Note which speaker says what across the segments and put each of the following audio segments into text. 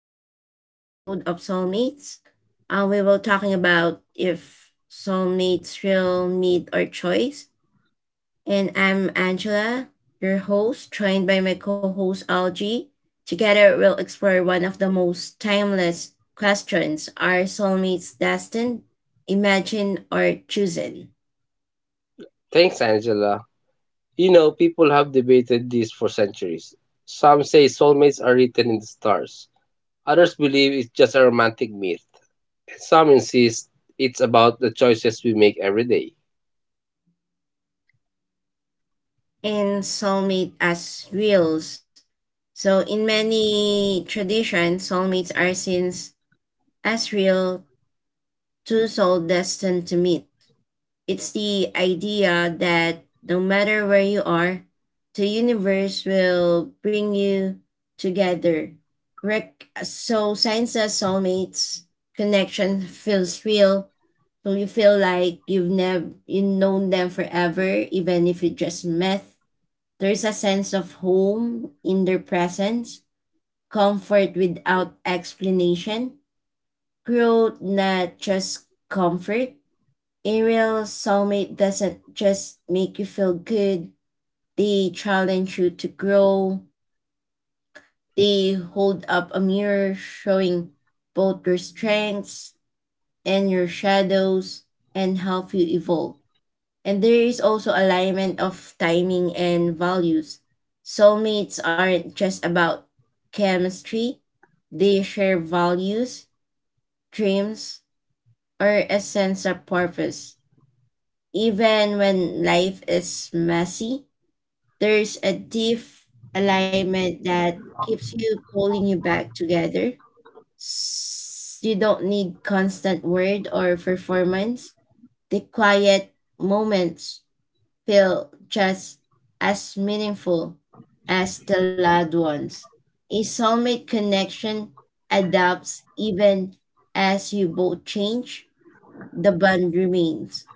Speaker 1: today's episode of Soulmates. We will talking about if soulmates will meet or choice. And I'm Angela, your host, joined by my co-host Algie. Together, we'll explore one of the most timeless questions: Are soulmates destined, imagined, or chosen?
Speaker 2: Thanks, Angela. People have debated this for centuries. Some say soulmates are written in the stars. Others believe it's just a romantic myth. And some insist it's about the choices we make every day.
Speaker 1: And soulmate as reals. So, in many traditions, soulmates are seen as real two souls destined to meet. It's the idea that no matter where you are, the universe will bring you together. Rick, so science says soulmates connection feels real. So you feel like you've never you known them forever, even if you just met. There's a sense of home in their presence, comfort without explanation, growth not just comfort, Ariel soulmate doesn't just make you feel good, they challenge you to grow. They hold up a mirror showing both your strengths and your shadows and help you evolve. And there is also alignment of timing and values. Soulmates aren't just about chemistry, they share values, dreams, or a sense of purpose. Even when life is messy, there's a deep alignment that keeps you pulling you back together. S- You don't need constant word or performance. The quiet moments feel just as meaningful as the loud ones. A soulmate connection adapts even as you both change, the bond remains.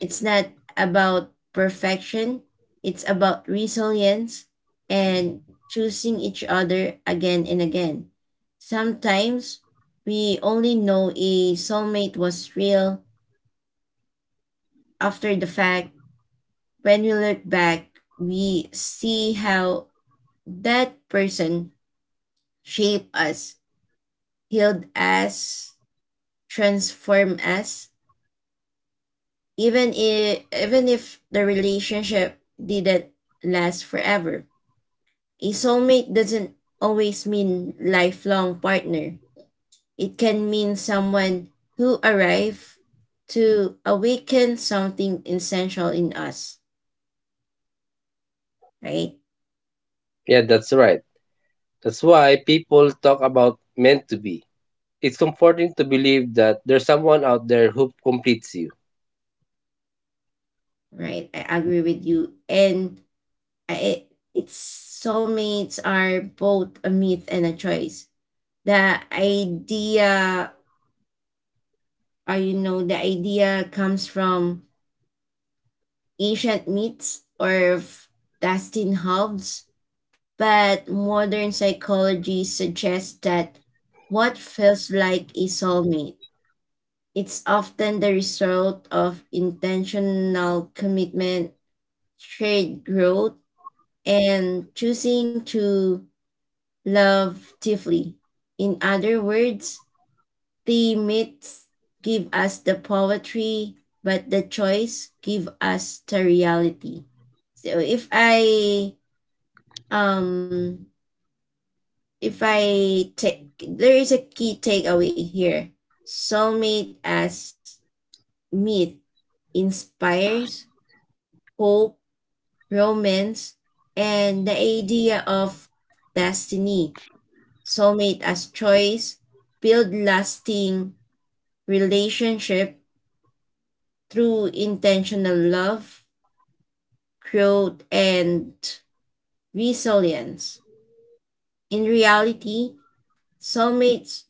Speaker 1: It's not about perfection, it's about resilience and choosing each other again and again. Sometimes we only know a soulmate was real after the fact. When we look back, we see how that person shaped us, healed us, transformed us, even if the relationship didn't last forever. A soulmate doesn't always mean lifelong partner. It can mean someone who arrived to awaken something essential in us, right?
Speaker 2: Yeah, that's right. That's why people talk about meant to be. It's comforting to believe that there's someone out there who completes you.
Speaker 1: Right. I agree with you. And I, it's soulmates are both a myth and a choice. The idea, the idea comes from ancient myths or destined halves, but modern psychology suggests that what feels like a soulmate it's often the result of intentional commitment, shared growth, and choosing to love deeply. In other words, the myths give us the poetry, but the choice give us the reality. So if I um if I take there is a key takeaway here. Soulmate as myth inspires hope, romance, and the idea of destiny. Soulmate as choice build lasting relationship through intentional love, growth, and resilience. In reality, soulmates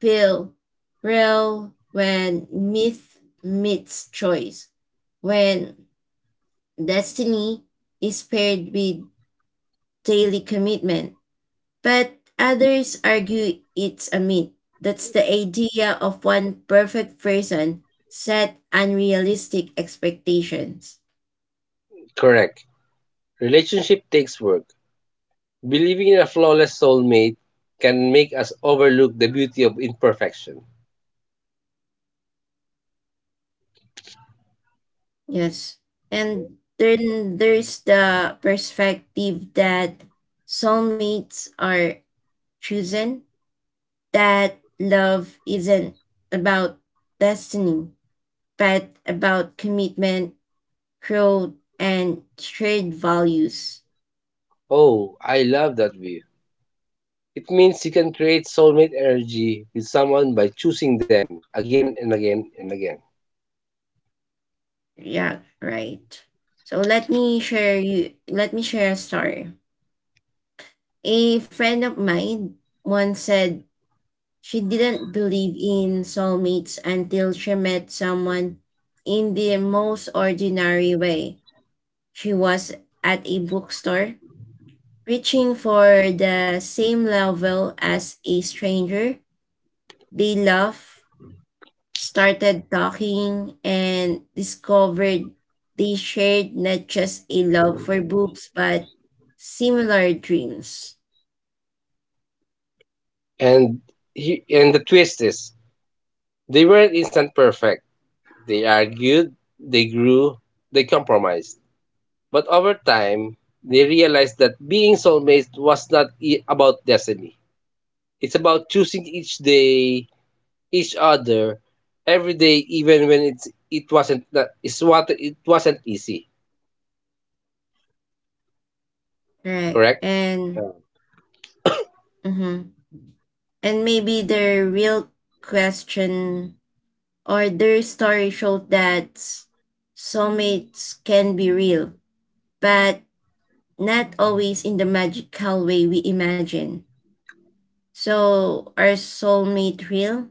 Speaker 1: feel real when myth meets choice, when destiny is paired with daily commitment. But others argue it's a myth. That's the idea of one perfect person set unrealistic expectations.
Speaker 2: Correct. Relationship takes work. Believing in a flawless soulmate can make us overlook the beauty of imperfection.
Speaker 1: Yes. And then there's the perspective that soulmates are chosen, that love isn't about destiny, but about commitment, growth, and shared values.
Speaker 2: Oh, I love that view. It means you can create soulmate energy with someone by choosing them again and again and again.
Speaker 1: Yeah, right. So let me share a story. A friend of mine once said she didn't believe in soulmates until she met someone in the most ordinary way. She was at a bookstore, reaching for the same level as a stranger. They laughed, started talking, and discovered they shared not just a love for books, but similar dreams.
Speaker 2: And and the twist is they weren't instant perfect. They argued, they grew, they compromised. But over time, they realized that being soulmates was not about destiny. It's about choosing each day, each other, every day, even when it's it wasn't that it's what it wasn't easy.
Speaker 1: Right.
Speaker 2: Correct.
Speaker 1: And, mhm. And maybe the real question or their story showed that soulmates can be real, but not always in the magical way we imagine. So, are soulmate real,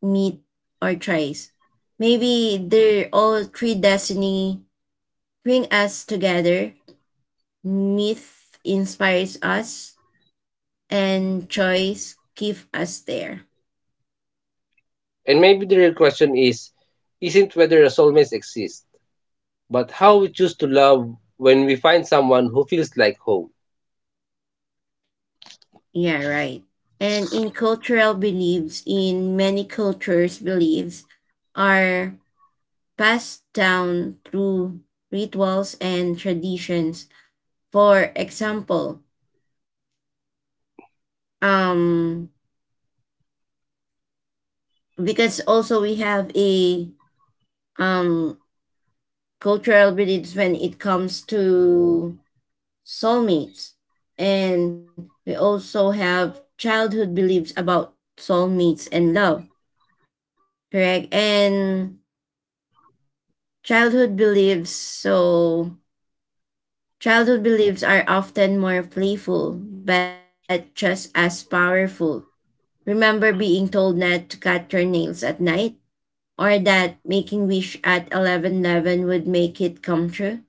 Speaker 1: meet, or choice? Maybe they're all three destiny bring us together. Myth inspires us, and choice give us there.
Speaker 2: And maybe the real question is isn't whether a soulmates exist, but how we choose to love when we find someone who feels like home.
Speaker 1: Yeah, right. And in cultural beliefs, in many cultures' beliefs, are passed down through rituals and traditions. For example, um, because also we have a um, cultural beliefs when it comes to soulmates, and we also have childhood beliefs about soulmates and love, correct? And childhood beliefs, so Childhood beliefs are often more playful, but just as powerful. Remember being told not to cut your nails at night or that making wish at 11:11 would make it come true?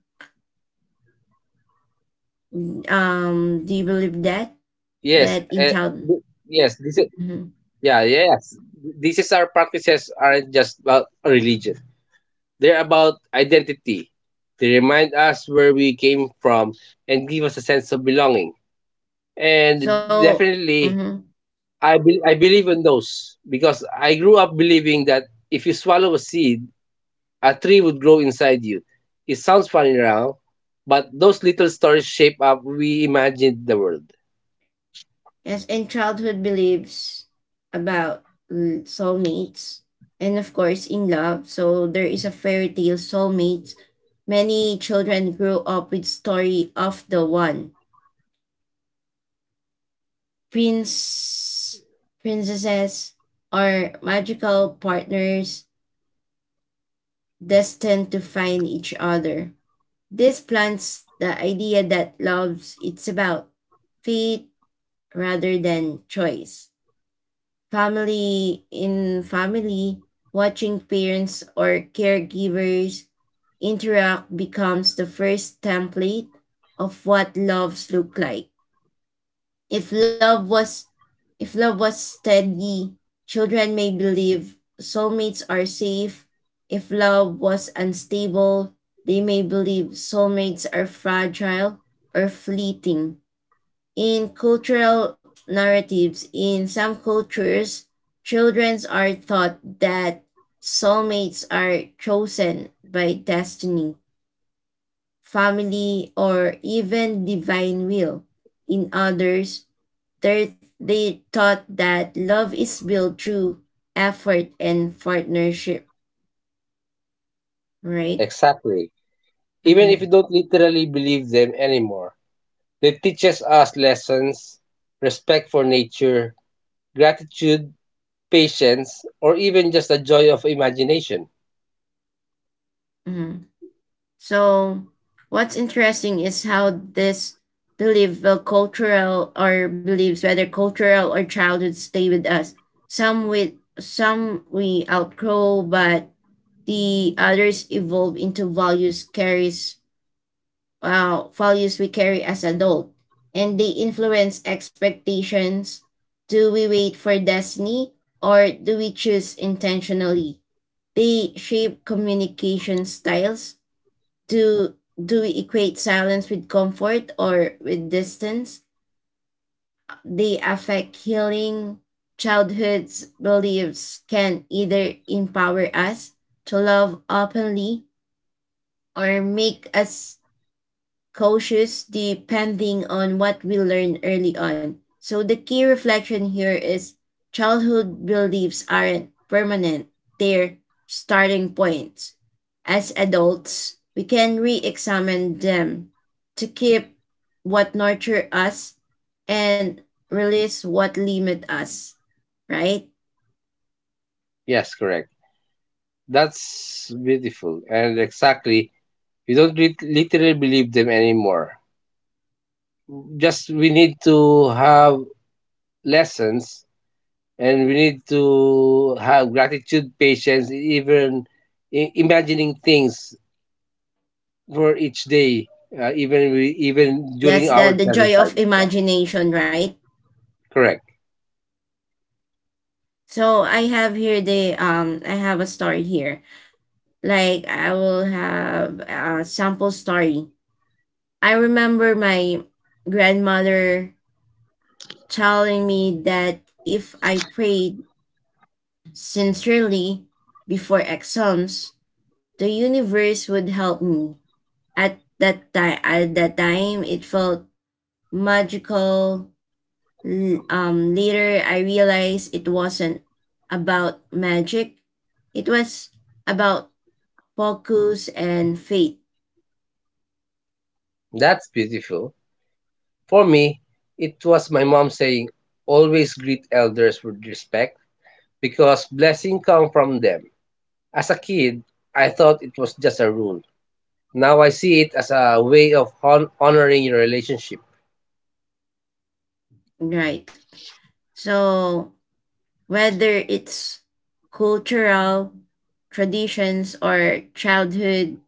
Speaker 2: Yes,
Speaker 1: Do you believe
Speaker 2: yes,
Speaker 1: that? That
Speaker 2: yeah,
Speaker 1: in child.
Speaker 2: yes. These is our
Speaker 1: Mhm.
Speaker 2: practices aren't just about a religion. They're about identity. They remind us where we came from and give us a sense of belonging. And definitely,
Speaker 1: So,
Speaker 2: I
Speaker 1: mhm.
Speaker 2: believe in those because I grew up believing that if you swallow a seed, a tree would grow inside you. It sounds funny now, but those little stories shape up we imagined the world.
Speaker 1: yes, in childhood beliefs about soulmates and of course in love. So there is a fairy tale soulmates. Many children grew up with story of the one Prince, princesses are magical partners destined to find each other. This plants the idea that love's it's about fate rather than choice. Family in family, watching parents or caregivers interact becomes the first template of what loves look like. If love was if love was steady, children may believe soulmates are safe. If love was unstable, they may believe soulmates are fragile or fleeting. In cultural narratives, in some cultures, children are taught that soulmates are chosen by destiny, family, or even divine will. In others, Third, they taught that love is built through effort and partnership, right?
Speaker 2: Exactly. Even
Speaker 1: Mm-hmm.
Speaker 2: if you don't literally believe them anymore, they teaches us lessons, respect for nature, gratitude, patience, or even just the joy of imagination.
Speaker 1: Mm-hmm. So, what's interesting is how this belief, will cultural or beliefs, whether cultural or childhood, stay with us. Some with some we outgrow, but the others evolve into values we carry as adult and they influence expectations do we wait for destiny or do we choose intentionally they shape communication styles do do we equate silence with comfort or with distance they affect healing childhood's beliefs can either empower us to love openly or make us cautious depending on what we learn early on. So the key reflection here is childhood beliefs aren't permanent, they're starting points. As adults, we can re examine them to keep what nurture us and release what limit us, right?
Speaker 2: Yes, correct. That's beautiful. And exactly, we don't literally believe them anymore. Just we need to have lessons and we need to have gratitude patience even imagining things for each day, even during
Speaker 1: That's
Speaker 2: our
Speaker 1: the
Speaker 2: childhood
Speaker 1: joy of
Speaker 2: time, yeah.
Speaker 1: imagination, right?
Speaker 2: Correct,
Speaker 1: So I have here the I have a story here. Like I will have a sample story. I remember my grandmother telling me that if I prayed sincerely before exams, the universe would help me. At that time, it felt magical. Later, I realized it wasn't about magic. It was about focus and faith,
Speaker 2: that's beautiful. For me, it was my mom saying, always greet elders with respect because blessing come from them. As a kid, I thought it was just a rule. Now I see it as a way of honoring your relationship.
Speaker 1: right? So whether it's cultural traditions or childhood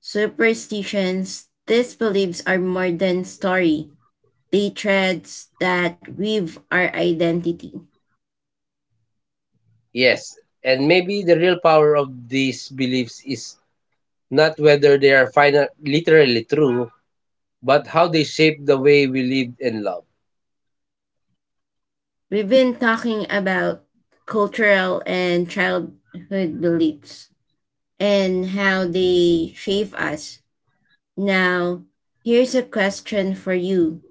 Speaker 1: superstitions, these beliefs are more than story. They threads that weave our identity.
Speaker 2: Yes, and maybe the real power of these beliefs is not whether they are final, literally true, but how they shape the way we live and love.
Speaker 1: We've been talking about cultural and childhood beliefs and how they shape us. Now, here's a question for you,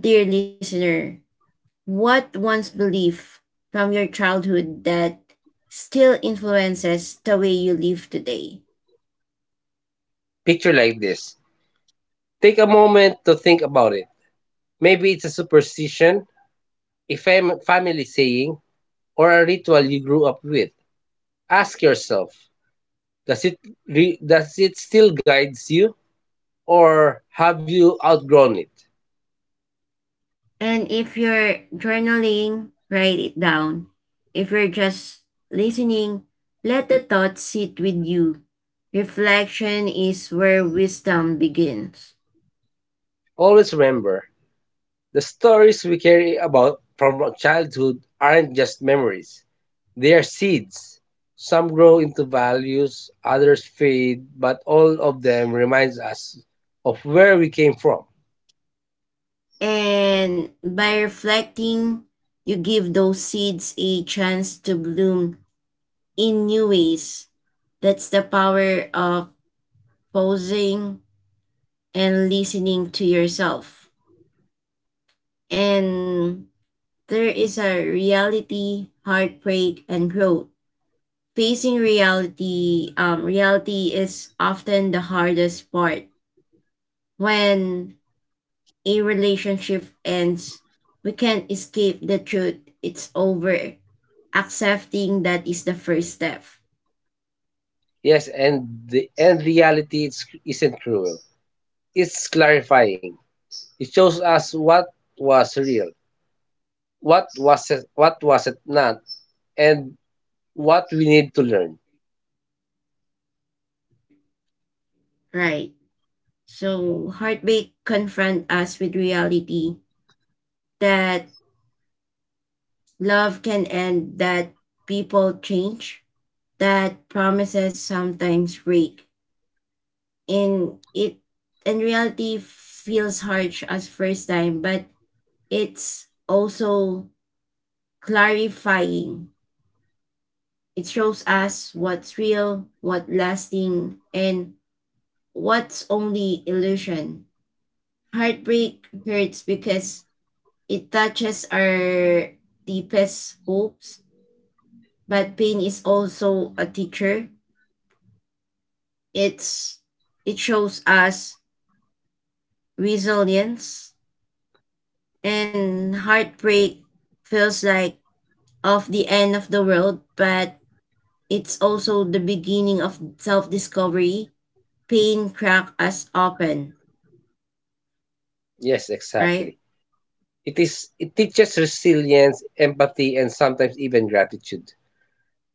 Speaker 1: dear listener. What one's belief from your childhood that still influences the way you live today?
Speaker 2: Picture like this. Take a moment to think about it. Maybe it's a superstition, a family saying, or a ritual you grew up with. Ask yourself, does it does it still guides you, or have you outgrown it?
Speaker 1: And if you're journaling, write it down. If you're just listening, let the thoughts sit with you. Reflection is where wisdom begins.
Speaker 2: Always remember, the stories we carry about from childhood aren't just memories. They are seeds. Some grow into values, others fade, but all of them reminds us of where we came from.
Speaker 1: And by reflecting, you give those seeds a chance to bloom in new ways. That's the power of pausing and listening to yourself. And there is a reality, heartbreak, and growth. Reality is often the hardest part. When a relationship ends, we can't escape the truth. It's over. Accepting that is the first step.
Speaker 2: Yes, and the and reality isn't cruel. It's clarifying. It shows us what was real, what was it not, and what we need to learn.
Speaker 1: Right. So heartbreak confront us with reality that love can end, that people change, that promises sometimes break. And it in reality feels harsh as first time, but it's also clarifying. It shows us what's real, what lasting, and what's only illusion. Heartbreak hurts because it touches our deepest hopes, but pain is also a teacher. It's it shows us resilience and heartbreak feels like of the end of the world, but it's also the beginning of self discovery. Pain crack us open,
Speaker 2: Yes, exactly.
Speaker 1: right?
Speaker 2: It is. It teaches resilience, empathy, and sometimes even gratitude.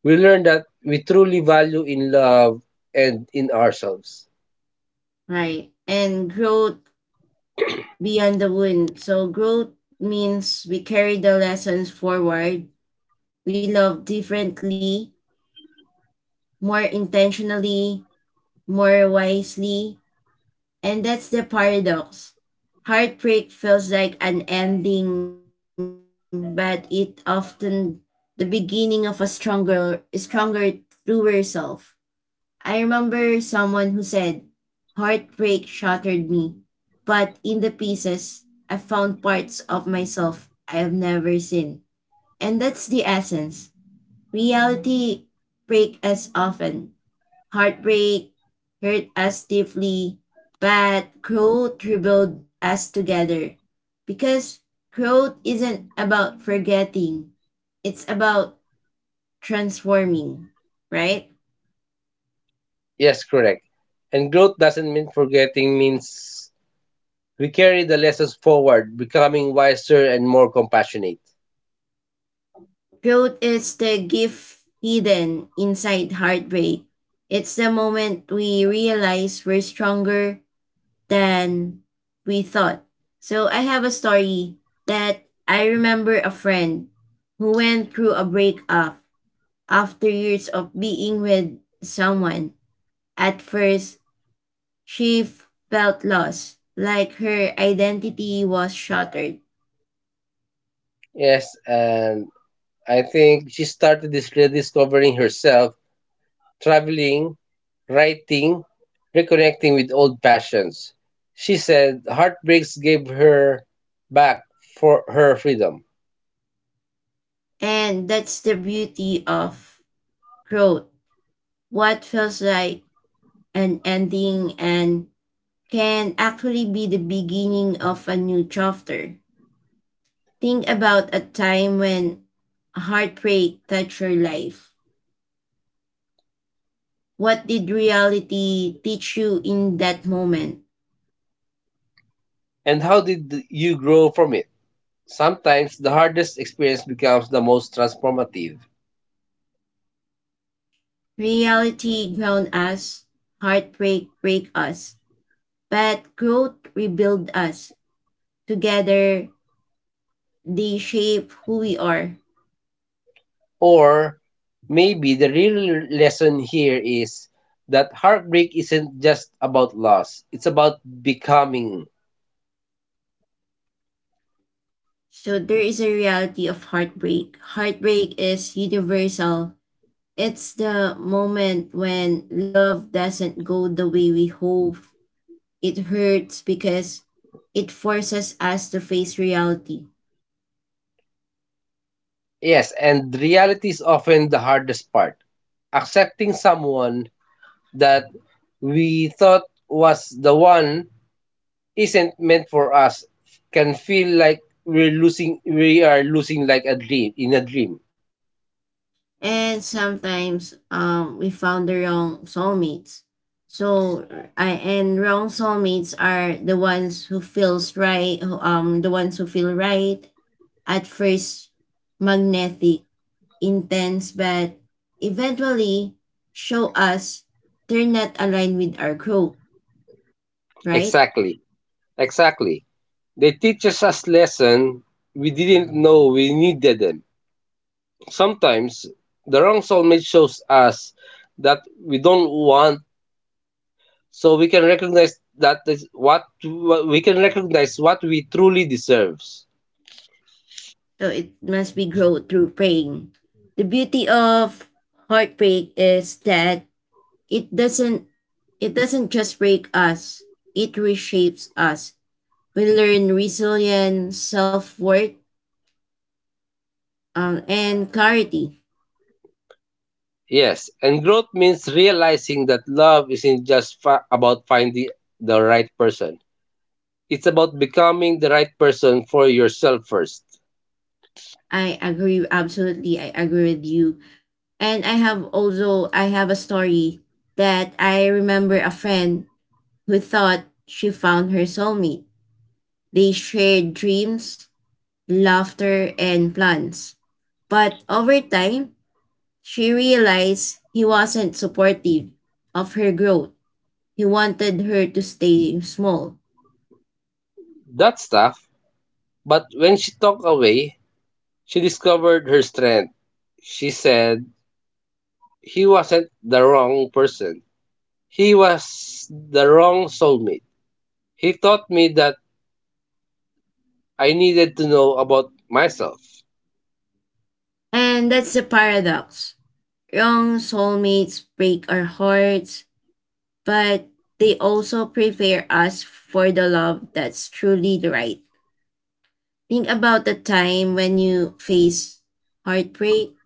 Speaker 2: We learn that we truly value in love and in ourselves.
Speaker 1: Right. And growth beyond the wound. So growth means we carry the lessons forward. We love differently, more intentionally, more wisely, and that's the paradox. Heartbreak feels like an ending, but it often the beginning of a stronger, truer self. I remember someone who said, Heartbreak shattered me, but in the pieces, I found parts of myself I have never seen. And that's the essence. Reality breaks us often, heartbreak hurt us deeply, but growth rebuilt us together. Because growth isn't about forgetting, it's about transforming, right?
Speaker 2: Yes, correct. And growth doesn't mean forgetting, means we carry the lessons forward, becoming wiser and more compassionate.
Speaker 1: Growth is the gift hidden inside heartbreak. It's the moment we realize we're stronger than we thought. So I have a story that I remember a friend who went through a breakup. After years of being with someone, at first she felt lost, like her identity was shattered.
Speaker 2: Yes, and I think she started this rediscovering herself, traveling, writing, reconnecting with old passions. She said heartbreaks gave her back for her freedom.
Speaker 1: And that's the beauty of growth. What feels like an ending and can actually be the beginning of a new chapter. Think about a time when heartbreak touched your life. What did reality teach you in that moment?
Speaker 2: And how did you grow from it? Sometimes the hardest experience becomes the most transformative.
Speaker 1: Reality ground us, heartbreak break us, but growth rebuild us. Together, they shape who we are.
Speaker 2: Or maybe the real lesson here is that heartbreak isn't just about loss, it's about becoming.
Speaker 1: So there is a reality of heartbreak. Heartbreak is universal. It's the moment when love doesn't go the way we hope. It hurts because it forces us to face reality.
Speaker 2: Yes, and reality is often the hardest part. Accepting someone that we thought was the one isn't meant for us can feel like we are losing like a dream in a dream.
Speaker 1: And sometimes we found the wrong soulmates. So I and wrong soulmates are the ones who feel right at first, magnetic, intense, but eventually show us they're not aligned with our growth, right?
Speaker 2: Exactly. Exactly. They teaches us a lesson we didn't know we needed them. Sometimes the wrong soulmate shows us that we don't want, so we can recognize that is what we can recognize what we truly deserves.
Speaker 1: So it must be growth through praying. The beauty of heartbreak is that It doesn't it doesn't just break us, it reshapes us. We learn resilience, self worth, and clarity.
Speaker 2: Yes, and growth means realizing that love isn't just about finding the right person. It's about becoming the right person for yourself first.
Speaker 1: I agree absolutely. I agree with you. And I have a story that I remember a friend who thought she found her soulmate. They shared dreams, laughter, and plans. But over time, she realized he wasn't supportive of her growth. He wanted her to stay small.
Speaker 2: That's tough, but when she talked away, she discovered her strength. She said he wasn't the wrong person. He was the wrong soulmate. He taught me that I needed to know about myself.
Speaker 1: And that's the paradox. Wrong soulmates break our hearts, but they also prepare us for the love that's truly right. Think about the time when you face heartbreak.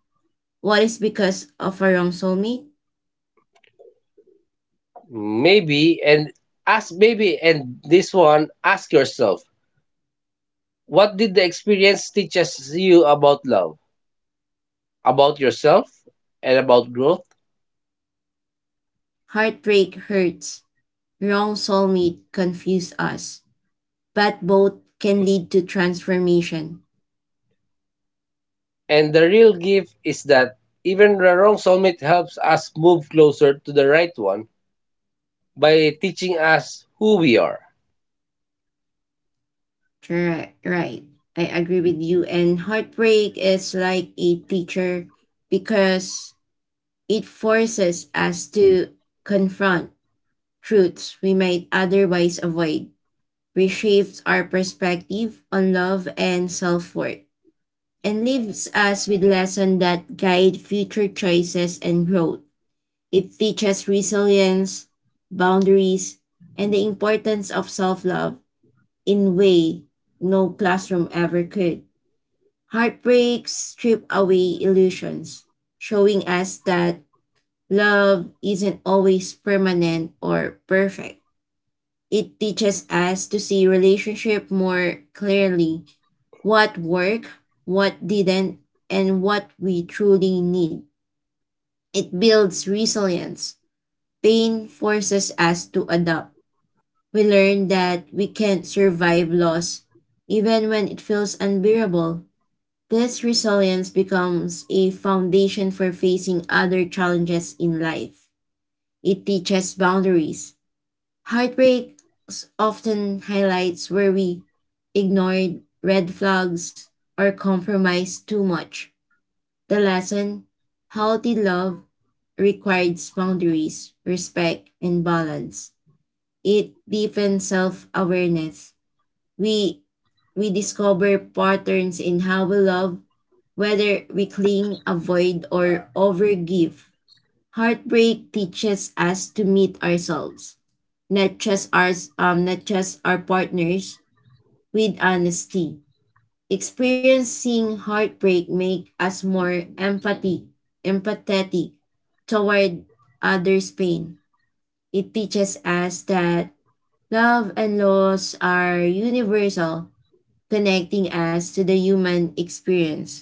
Speaker 1: What is because of a wrong soulmate?
Speaker 2: Maybe and ask maybe and this one Ask yourself, what did the experience teach us you about love, about yourself and about growth?
Speaker 1: Heartbreak hurts. Wrong soulmate confuse us. But both can lead to transformation.
Speaker 2: And the real gift is that even the wrong soulmate helps us move closer to the right one by teaching us who we are.
Speaker 1: Right, right. I agree with you. And heartbreak is like a teacher because it forces us to confront truths we might otherwise avoid, reshapes our perspective on love and self worth, and leaves us with lessons that guide future choices and growth. It teaches resilience, boundaries, and the importance of self love in way no classroom ever could. Heartbreaks strip away illusions, showing us that love isn't always permanent or perfect. It teaches us to see relationship more clearly, what worked, what didn't, and what we truly need. It builds resilience. Pain forces us to adapt. We learn that we can survive loss even when it feels unbearable. This resilience becomes a foundation for facing other challenges in life. It teaches boundaries. Heartbreak often highlights where we ignored red flags or compromised too much. The lesson: healthy love requires boundaries, respect, and balance. It deepens self awareness. We we discover patterns in how we love, whether we cling, avoid, or overgive. Heartbreak teaches us to meet ourselves, not just our partners, with honesty. Experiencing heartbreak make us more empathetic toward others' pain. It teaches us that love and loss are universal, connecting us to the human experience.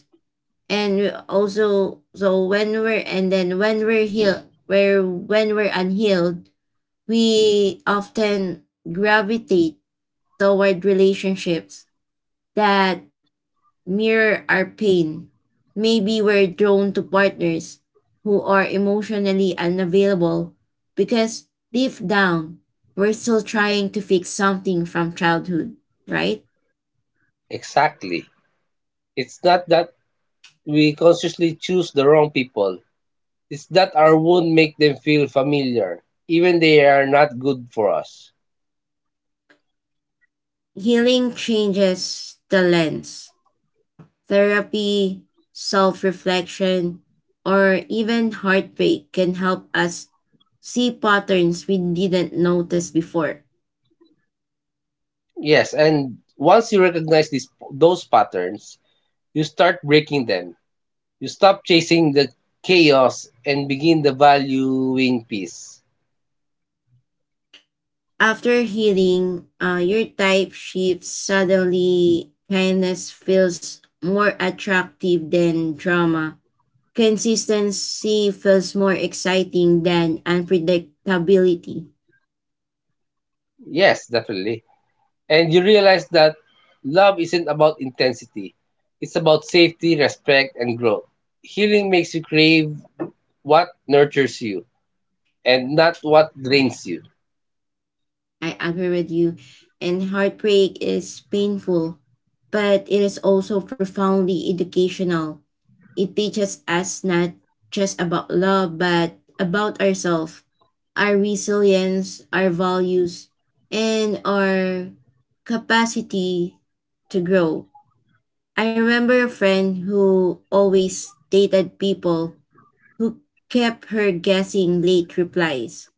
Speaker 1: And we also, so when we're and then When we're healed, where when we're unhealed, we often gravitate toward relationships that mirror our pain. Maybe we're drawn to partners who are emotionally unavailable because deep down we're still trying to fix something from childhood, right?
Speaker 2: Exactly. It's not that we consciously choose the wrong people. It's that our wound make them feel familiar, even they are not good for us.
Speaker 1: Healing changes the lens. Therapy, self reflection, or even heartbreak can help us see patterns we didn't notice before.
Speaker 2: Yes, and once you recognize these those patterns, you start breaking them. You stop chasing the chaos and begin the valuing peace.
Speaker 1: After healing, your type shifts suddenly. Kindness feels more attractive than drama. Consistency feels more exciting than unpredictability.
Speaker 2: Yes, definitely. And you realize that love isn't about intensity, it's about safety, respect, and growth. Healing makes you crave what nurtures you and not what drains you.
Speaker 1: I agree with you. And heartbreak is painful, but it is also profoundly educational. It teaches us not just about love, but about ourselves, our resilience, our values, and our capacity to grow. I remember a friend who always dated people who kept her guessing: late replies,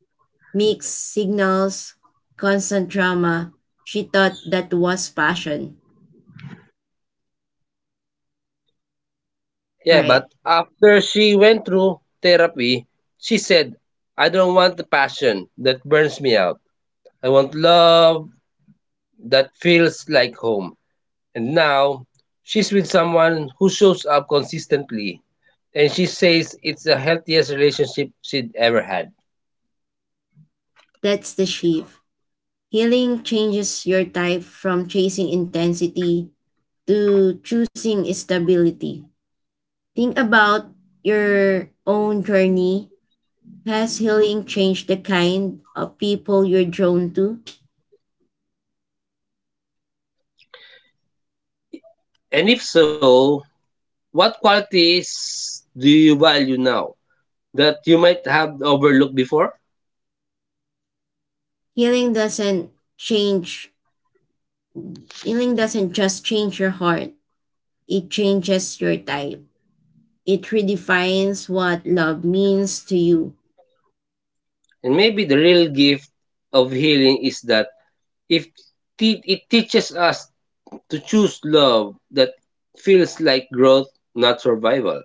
Speaker 1: mixed signals, constant drama. She thought that was passion.
Speaker 2: Yeah, but
Speaker 1: Right.
Speaker 2: after she went through therapy, she said, I don't want the passion that burns me out. I want love that feels like home. And now she's with someone who shows up consistently. And she says it's the healthiest relationship she'd ever had.
Speaker 1: That's the shift. Healing changes your type from chasing intensity to choosing stability. Think about your own journey. Has healing changed the kind of people you're drawn to?
Speaker 2: And if so, what qualities do you value now that you might have overlooked before?
Speaker 1: Healing doesn't change, Healing doesn't just change your heart, it changes your type. It redefines what love means to you.
Speaker 2: And maybe the real gift of healing is that if te- it teaches us to choose love that feels like growth, not survival.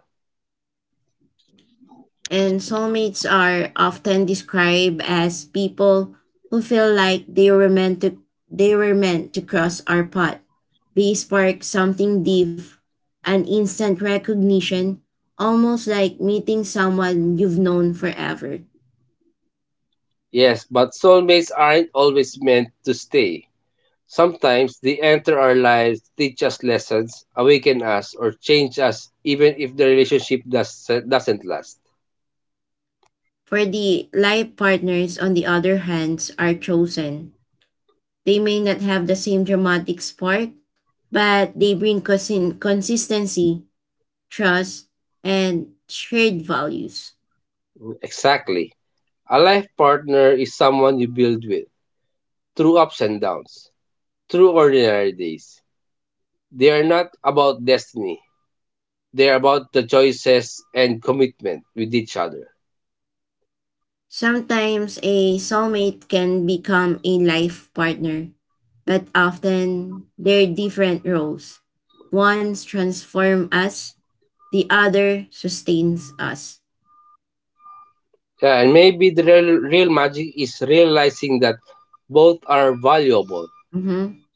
Speaker 1: And soulmates are often described as people who feel like they were meant to they were meant to cross our path. They spark something deep, an instant recognition, almost like meeting someone you've known forever.
Speaker 2: Yes, but soulmates aren't always meant to stay. Sometimes they enter our lives, teach us lessons, awaken us, or change us, even if the relationship doesn't last.
Speaker 1: For the life partners, on the other hand, are chosen. They may not have the same dramatic spark, but they bring consistency, trust, and shared values.
Speaker 2: Exactly. A life partner is someone you build with through ups and downs, through ordinary days. They are not about destiny. They are about the choices and commitment with each other.
Speaker 1: Sometimes a soulmate can become a life partner, but often they're different roles. One transforms us, the other sustains us.
Speaker 2: Yeah, and maybe the real, real magic is realizing that both are valuable.
Speaker 1: Mhm.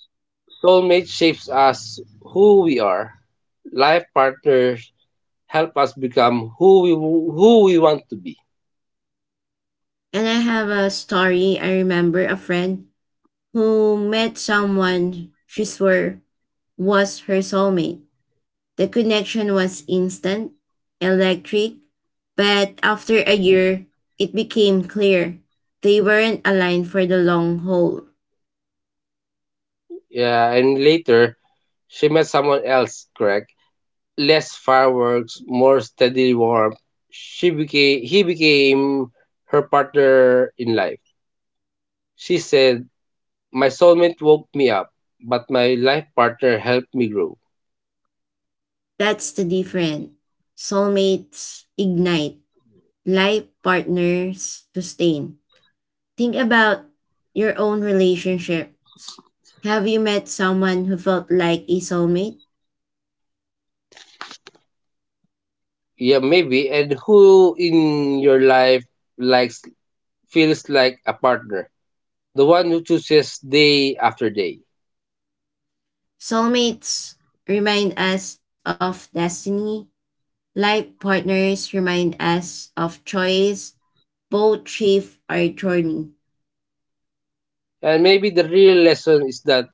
Speaker 2: Soulmate shapes us who we are. Life partners help us become who we want to be.
Speaker 1: And I have a story. I remember a friend who met someone she swore was her soulmate. The connection was instant, electric, but after a year, it became clear they weren't aligned for the long haul.
Speaker 2: Yeah, and later she met someone else, correct? Less fireworks, more steady warmth. She became he became her partner in life. She said, "My soulmate woke me up, but my life partner helped me grow."
Speaker 1: That's the difference. Soulmates ignite, life partners sustain. Think about your own relationships. Have you met someone who felt like a soulmate?
Speaker 2: Yeah, maybe. And who in your life likes feels like a partner, the one who chooses day after day.
Speaker 1: Soulmates remind us of destiny, life partners remind us of choice, both chief are journey.
Speaker 2: And maybe the real lesson is that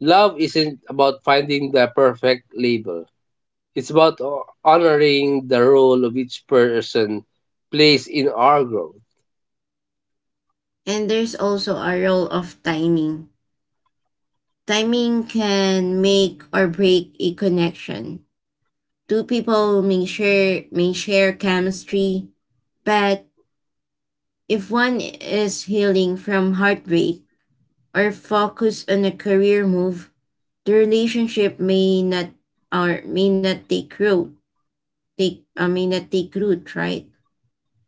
Speaker 2: love isn't about finding the perfect label. It's about honoring the role of each person plays in our growth.
Speaker 1: And there's also a role of timing. Timing can make or break a connection. Two people may share chemistry, but if one is healing from heartbreak or focused on a career move, the relationship may not or may not take root. Take may not take root, right?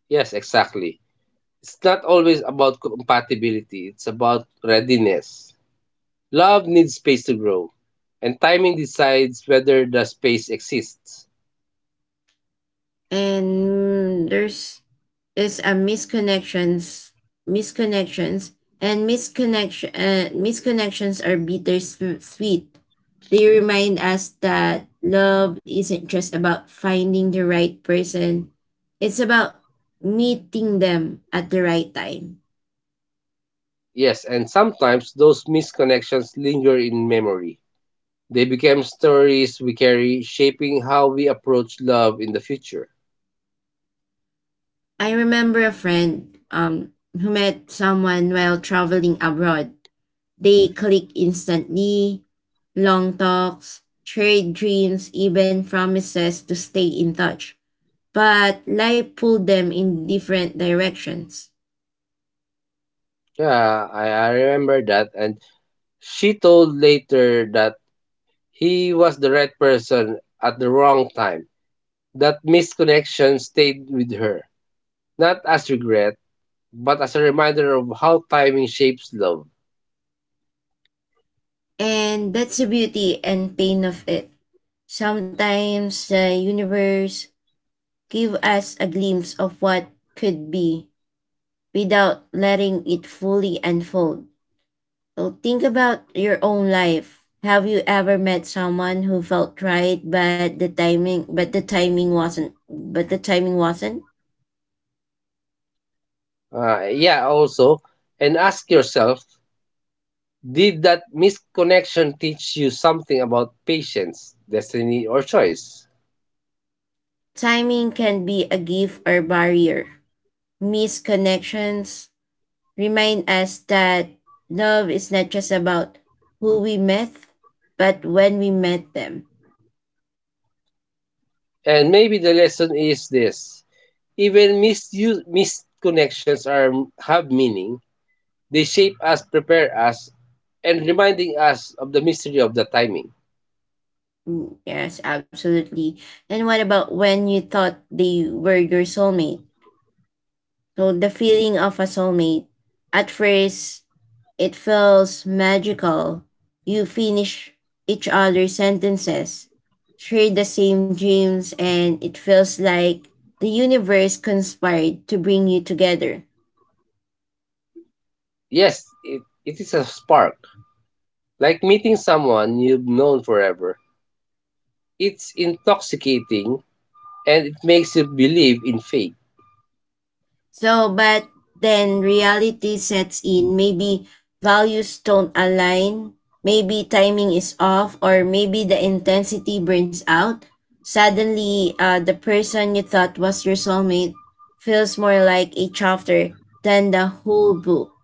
Speaker 2: Yes, exactly. It's not always about compatibility, it's about readiness. Love needs space to grow, and timing decides whether the space exists.
Speaker 1: And mm, there's is a misconnections, misconnections are bittersweet. They remind us that love isn't just about finding the right person; it's about meeting them at the right time.
Speaker 2: Yes, and sometimes those misconnections linger in memory. They become stories we carry, shaping how we approach love in the future.
Speaker 1: I remember a friend who met someone while traveling abroad. They clicked instantly: long talks, trade dreams, even promises to stay in touch. But life pulled them in different directions.
Speaker 2: Yeah, I remember that. And she told later that he was the right person at the wrong time. That missed connection stayed with her, not as regret, but as a reminder of how timing shapes love.
Speaker 1: And that's the beauty and pain of it. Sometimes the universe give us a glimpse of what could be without letting it fully unfold. So think about your own life. Have you ever met someone who felt right but the timing wasn't?
Speaker 2: Yeah, also, and ask yourself, did that missed connection teach you something about patience, destiny, or choice?
Speaker 1: Timing can be a gift or barrier. Missed connections remind us that love is not just about who we met, but when we met them.
Speaker 2: And maybe the lesson is this: even missed connections have meaning, they shape us, prepare us, and reminding us of the mystery of the timing.
Speaker 1: Mm, yes, absolutely. And what about when you thought they were your soulmate? So, the feeling of a soulmate, at first, it feels magical. You finish each other's sentences, share the same dreams, and it feels like the universe conspired to bring you together.
Speaker 2: Yes, it is a spark, like meeting someone you've known forever. It's intoxicating and it makes you believe in fate.
Speaker 1: So, but then reality sets in. Maybe values don't align. Maybe timing is off, or maybe the intensity burns out. Suddenly, the person you thought was your soulmate feels more like a chapter than the whole book.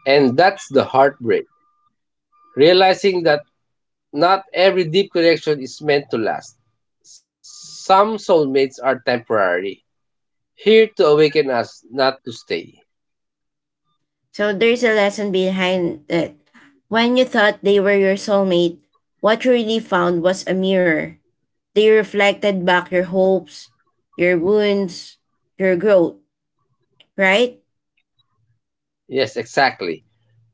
Speaker 2: And that's the heartbreak. Realizing that not every deep connection is meant to last. Some soulmates are temporary, here to awaken us not to stay.
Speaker 1: So, there's a lesson behind it. When you thought they were your soulmate, what you really found was a mirror. They reflected back your hopes, your wounds, your growth. Right?
Speaker 2: Yes, exactly.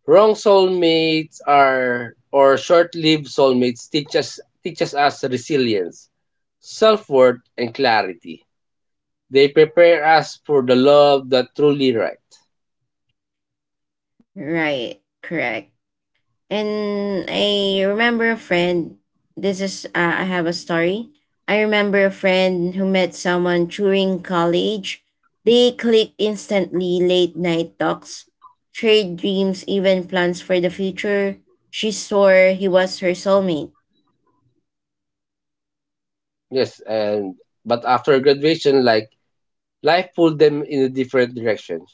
Speaker 2: Wrong soulmates are or short-lived soulmates teaches us resilience, self-worth and clarity. They prepare us for the love that truly right.
Speaker 1: Right. Correct. And I remember a friend. This is, I have a story. I remember a friend who met someone during college. They clicked instantly: late night talks, trade dreams, even plans for the future. She swore he was her soulmate.
Speaker 2: Yes, and but after graduation, like life pulled them in a different direction.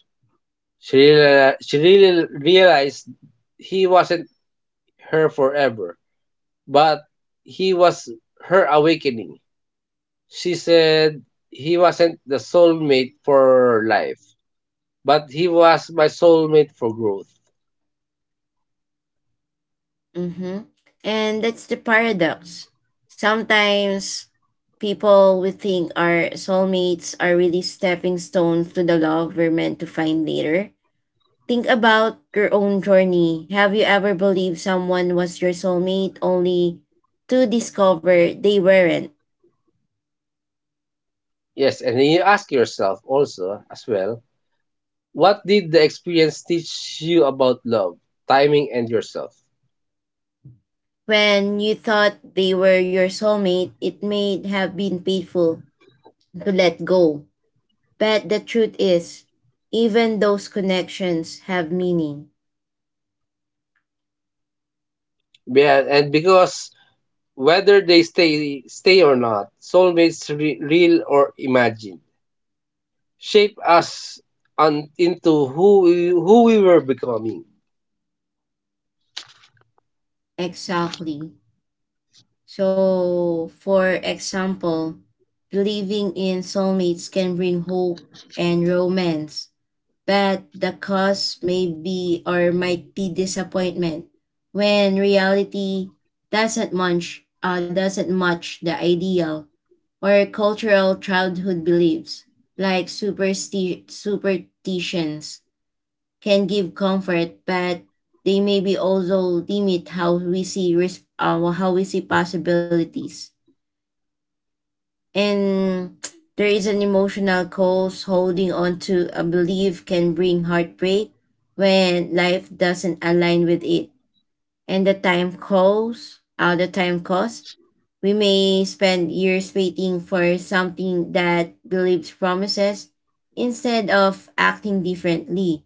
Speaker 2: She really realized he wasn't her forever, but he was her awakening. She said he wasn't the soulmate for life, but he was my soulmate for growth.
Speaker 1: Mm-hmm. And that's the paradox. Sometimes people we think are soulmates are really stepping stones to the love we're meant to find later. Think about your own journey. Have you ever believed someone was your soulmate only to discover they weren't?
Speaker 2: Yes, and you ask yourself also as well, what did the experience teach you about love, timing, and yourself?
Speaker 1: When you thought they were your soulmate, it may have been painful to let go. But the truth is, even those connections have meaning.
Speaker 2: Yeah, and because whether they stay or not, soulmates, real or imagined, shape us into who we were becoming.
Speaker 1: Exactly. So, for example, believing in soulmates can bring hope and romance, but the cost may be or might be disappointment when reality doesn't match the ideal, or cultural childhood beliefs like superstitions can give comfort, but they maybe also limit how we see risk, how we see possibilities. And there is an emotional cost: holding on to a belief can bring heartbreak when life doesn't align with it. And the time cost, We may spend years waiting for something that believes promises instead of acting differently.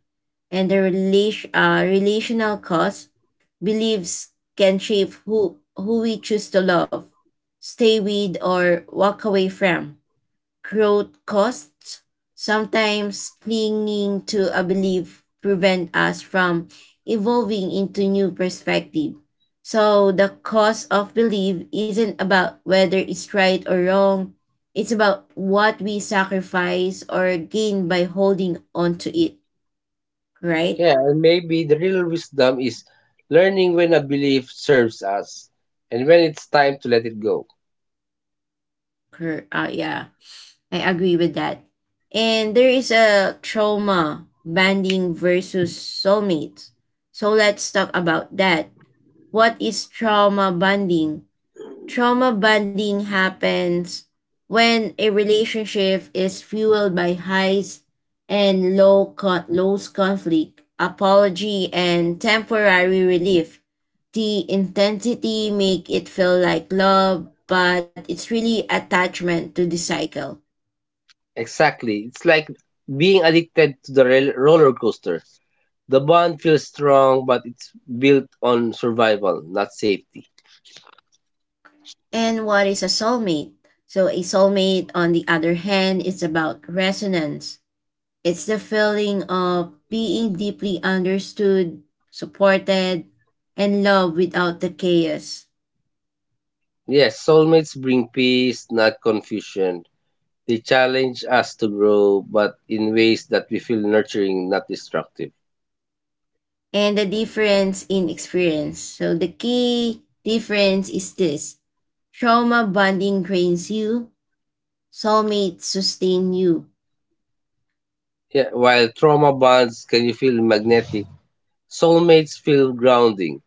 Speaker 1: And the relational cost: beliefs can shape who we choose to love, stay with, or walk away from. Growth costs: sometimes clinging to a belief prevent us from evolving into new perspective. So the cost of belief isn't about whether it's right or wrong. It's about what we sacrifice or gain by holding on to it, right?
Speaker 2: Yeah, and maybe the real wisdom is learning when a belief serves us and when it's time to let it go.
Speaker 1: Yeah, I agree with that. And there is a trauma banding versus soulmates. So let's talk about that. What is trauma bonding? Trauma bonding happens when a relationship is fueled by highs and lows, conflict, apology and temporary relief. The intensity make it feel like love, but it's really attachment to the cycle.
Speaker 2: Exactly. It's like being addicted to the roller coaster. The bond feels strong, but it's built on survival, not safety.
Speaker 1: And what is a soulmate? So a soulmate on the other hand is about resonance. It's the feeling of being deeply understood, supported, and loved without the chaos.
Speaker 2: Yes, soulmates bring peace, not confusion. They challenge us to grow, but in ways that we feel nurturing, not destructive.
Speaker 1: And the difference in experience. So, the key difference is this: trauma bonding drains you, soulmates sustain you.
Speaker 2: Yeah, while trauma bonds can you feel magnetic, soulmates feel grounding.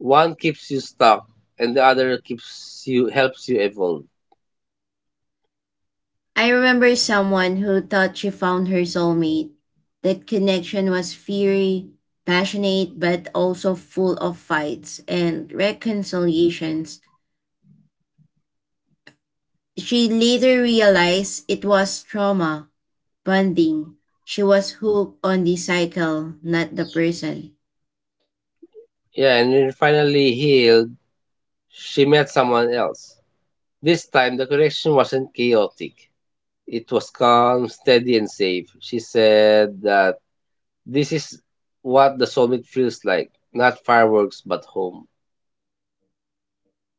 Speaker 2: One keeps you stuck, and the other keeps you helps you evolve.
Speaker 1: I remember someone who thought she found her soulmate. That connection was fiery, passionate, but also full of fights and reconciliations. She later realized it was trauma bonding. She was hooked on the cycle, not the person.
Speaker 2: Yeah, and when you're finally healed, she met someone else. This time the connection wasn't chaotic. It was calm, steady, and safe. She said that this is what the soulmate feels like, not fireworks but home.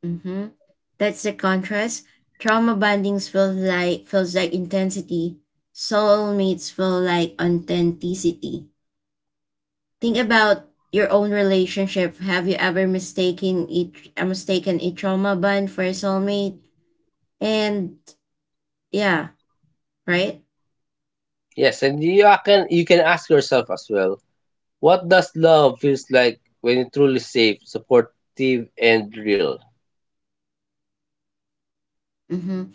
Speaker 1: Hmm. That's the contrast. Trauma bondings feels like intensity. Soulmates feel like authenticity. Think about your own relationship. Have you ever mistaken a trauma bond for a soulmate? And yeah, right?
Speaker 2: Yes, and you can ask yourself as well, what does love feels like when it's truly safe, supportive, and real?
Speaker 1: Mm-hmm.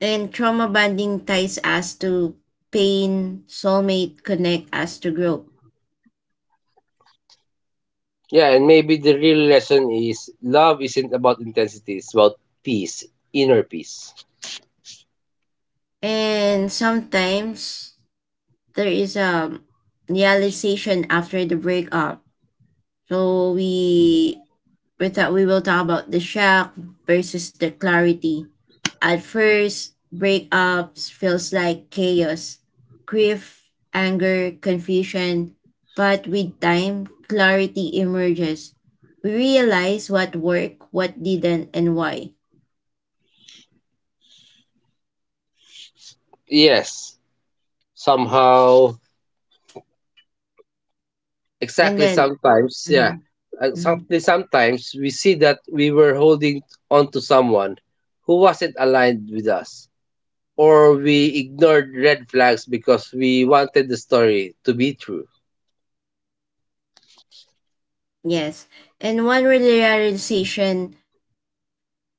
Speaker 1: And trauma bonding ties us to pain, soulmate connect us to grow.
Speaker 2: Yeah, and maybe the real lesson is love isn't about intensity, it's about peace, inner peace.
Speaker 1: And sometimes there is a realization after the breakup. So we thought we will talk about the shock versus the clarity. At first, breakups feels like chaos, grief, anger, confusion, but with time, clarity emerges. We realize what worked, what didn't, and why.
Speaker 2: Yes, somehow.
Speaker 1: And
Speaker 2: Exactly,
Speaker 1: then,
Speaker 2: sometimes, yeah.
Speaker 1: mhm,
Speaker 2: Uh,
Speaker 1: mhm,
Speaker 2: Sometimes we see that we were holding on to someone who wasn't aligned with us, or we ignored red flags because we wanted the story to be true.
Speaker 1: yes. And one realization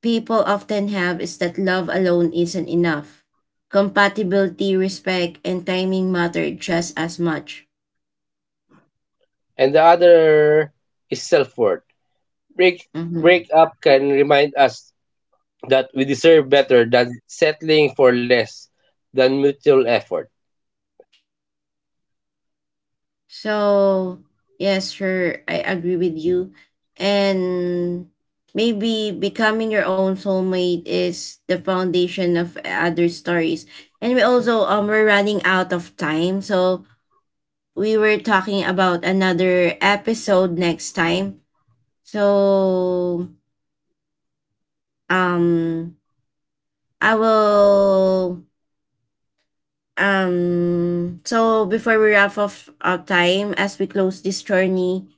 Speaker 1: people often have is that love alone isn't enough. Compatibility, respect, and timing matter just as much.
Speaker 2: And the other is self worth. Break
Speaker 1: Mm-hmm.
Speaker 2: up can remind us that we deserve better than settling for less than mutual effort.
Speaker 1: So, yes, sure, I agree with you. And maybe becoming your own soulmate is the foundation of other stories. And we also we're running out of time, so we were talking about another episode next time. So um I will. So before we wrap off our time, as we close this journey,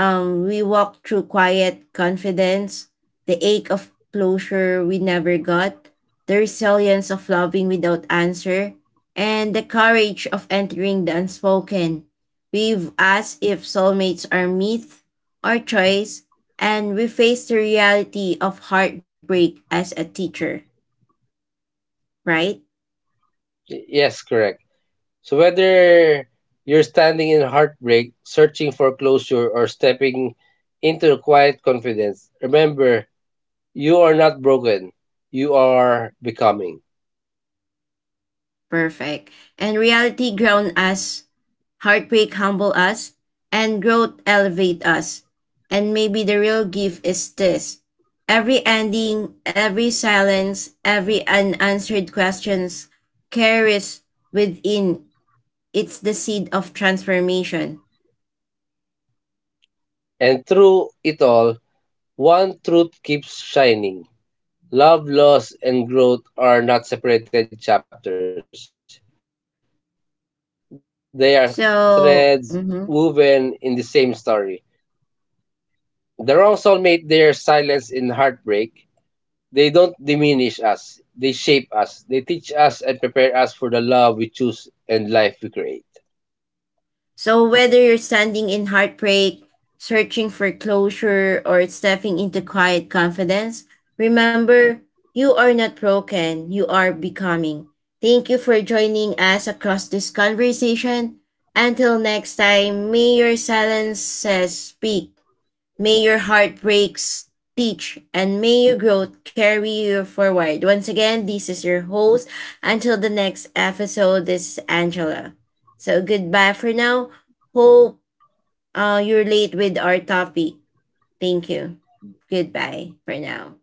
Speaker 1: we walk through quiet confidence, the ache of closure we never got, the resilience of loving without answer, and the courage of entering the unspoken. We've asked if soulmates are myth or choice, and we face the reality of heartbreak as a teacher, right?
Speaker 2: Yes, correct. So whether you're standing in heartbreak, searching for closure, or stepping into quiet confidence, remember you are not broken. You are becoming.
Speaker 1: Perfect. And reality ground us, heartbreak humble us, and growth elevate us. And maybe the real gift is this: every ending, every silence, every unanswered questions carries within it's the seed of transformation.
Speaker 2: And through it all, one truth keeps shining. Love, loss, and growth are not separated chapters. They are threads woven in the same story.
Speaker 1: So, mhm.
Speaker 2: The wrong soulmate, their silence in heartbreak, they don't diminish us. They shape us. They teach us and prepare us for the love we choose and life we create.
Speaker 1: So, whether you're standing in heartbreak, searching for closure, or stepping into quiet confidence, remember you are not broken, you are becoming. Thank you for joining us across this conversation. Until next time, may your silence speak. May your heartbreaks teach, and may your growth carry you forward. Once again, this is your host. Until the next episode, this is Angela. So goodbye for now. Hope you're late with our topic. Thank you. Goodbye for now.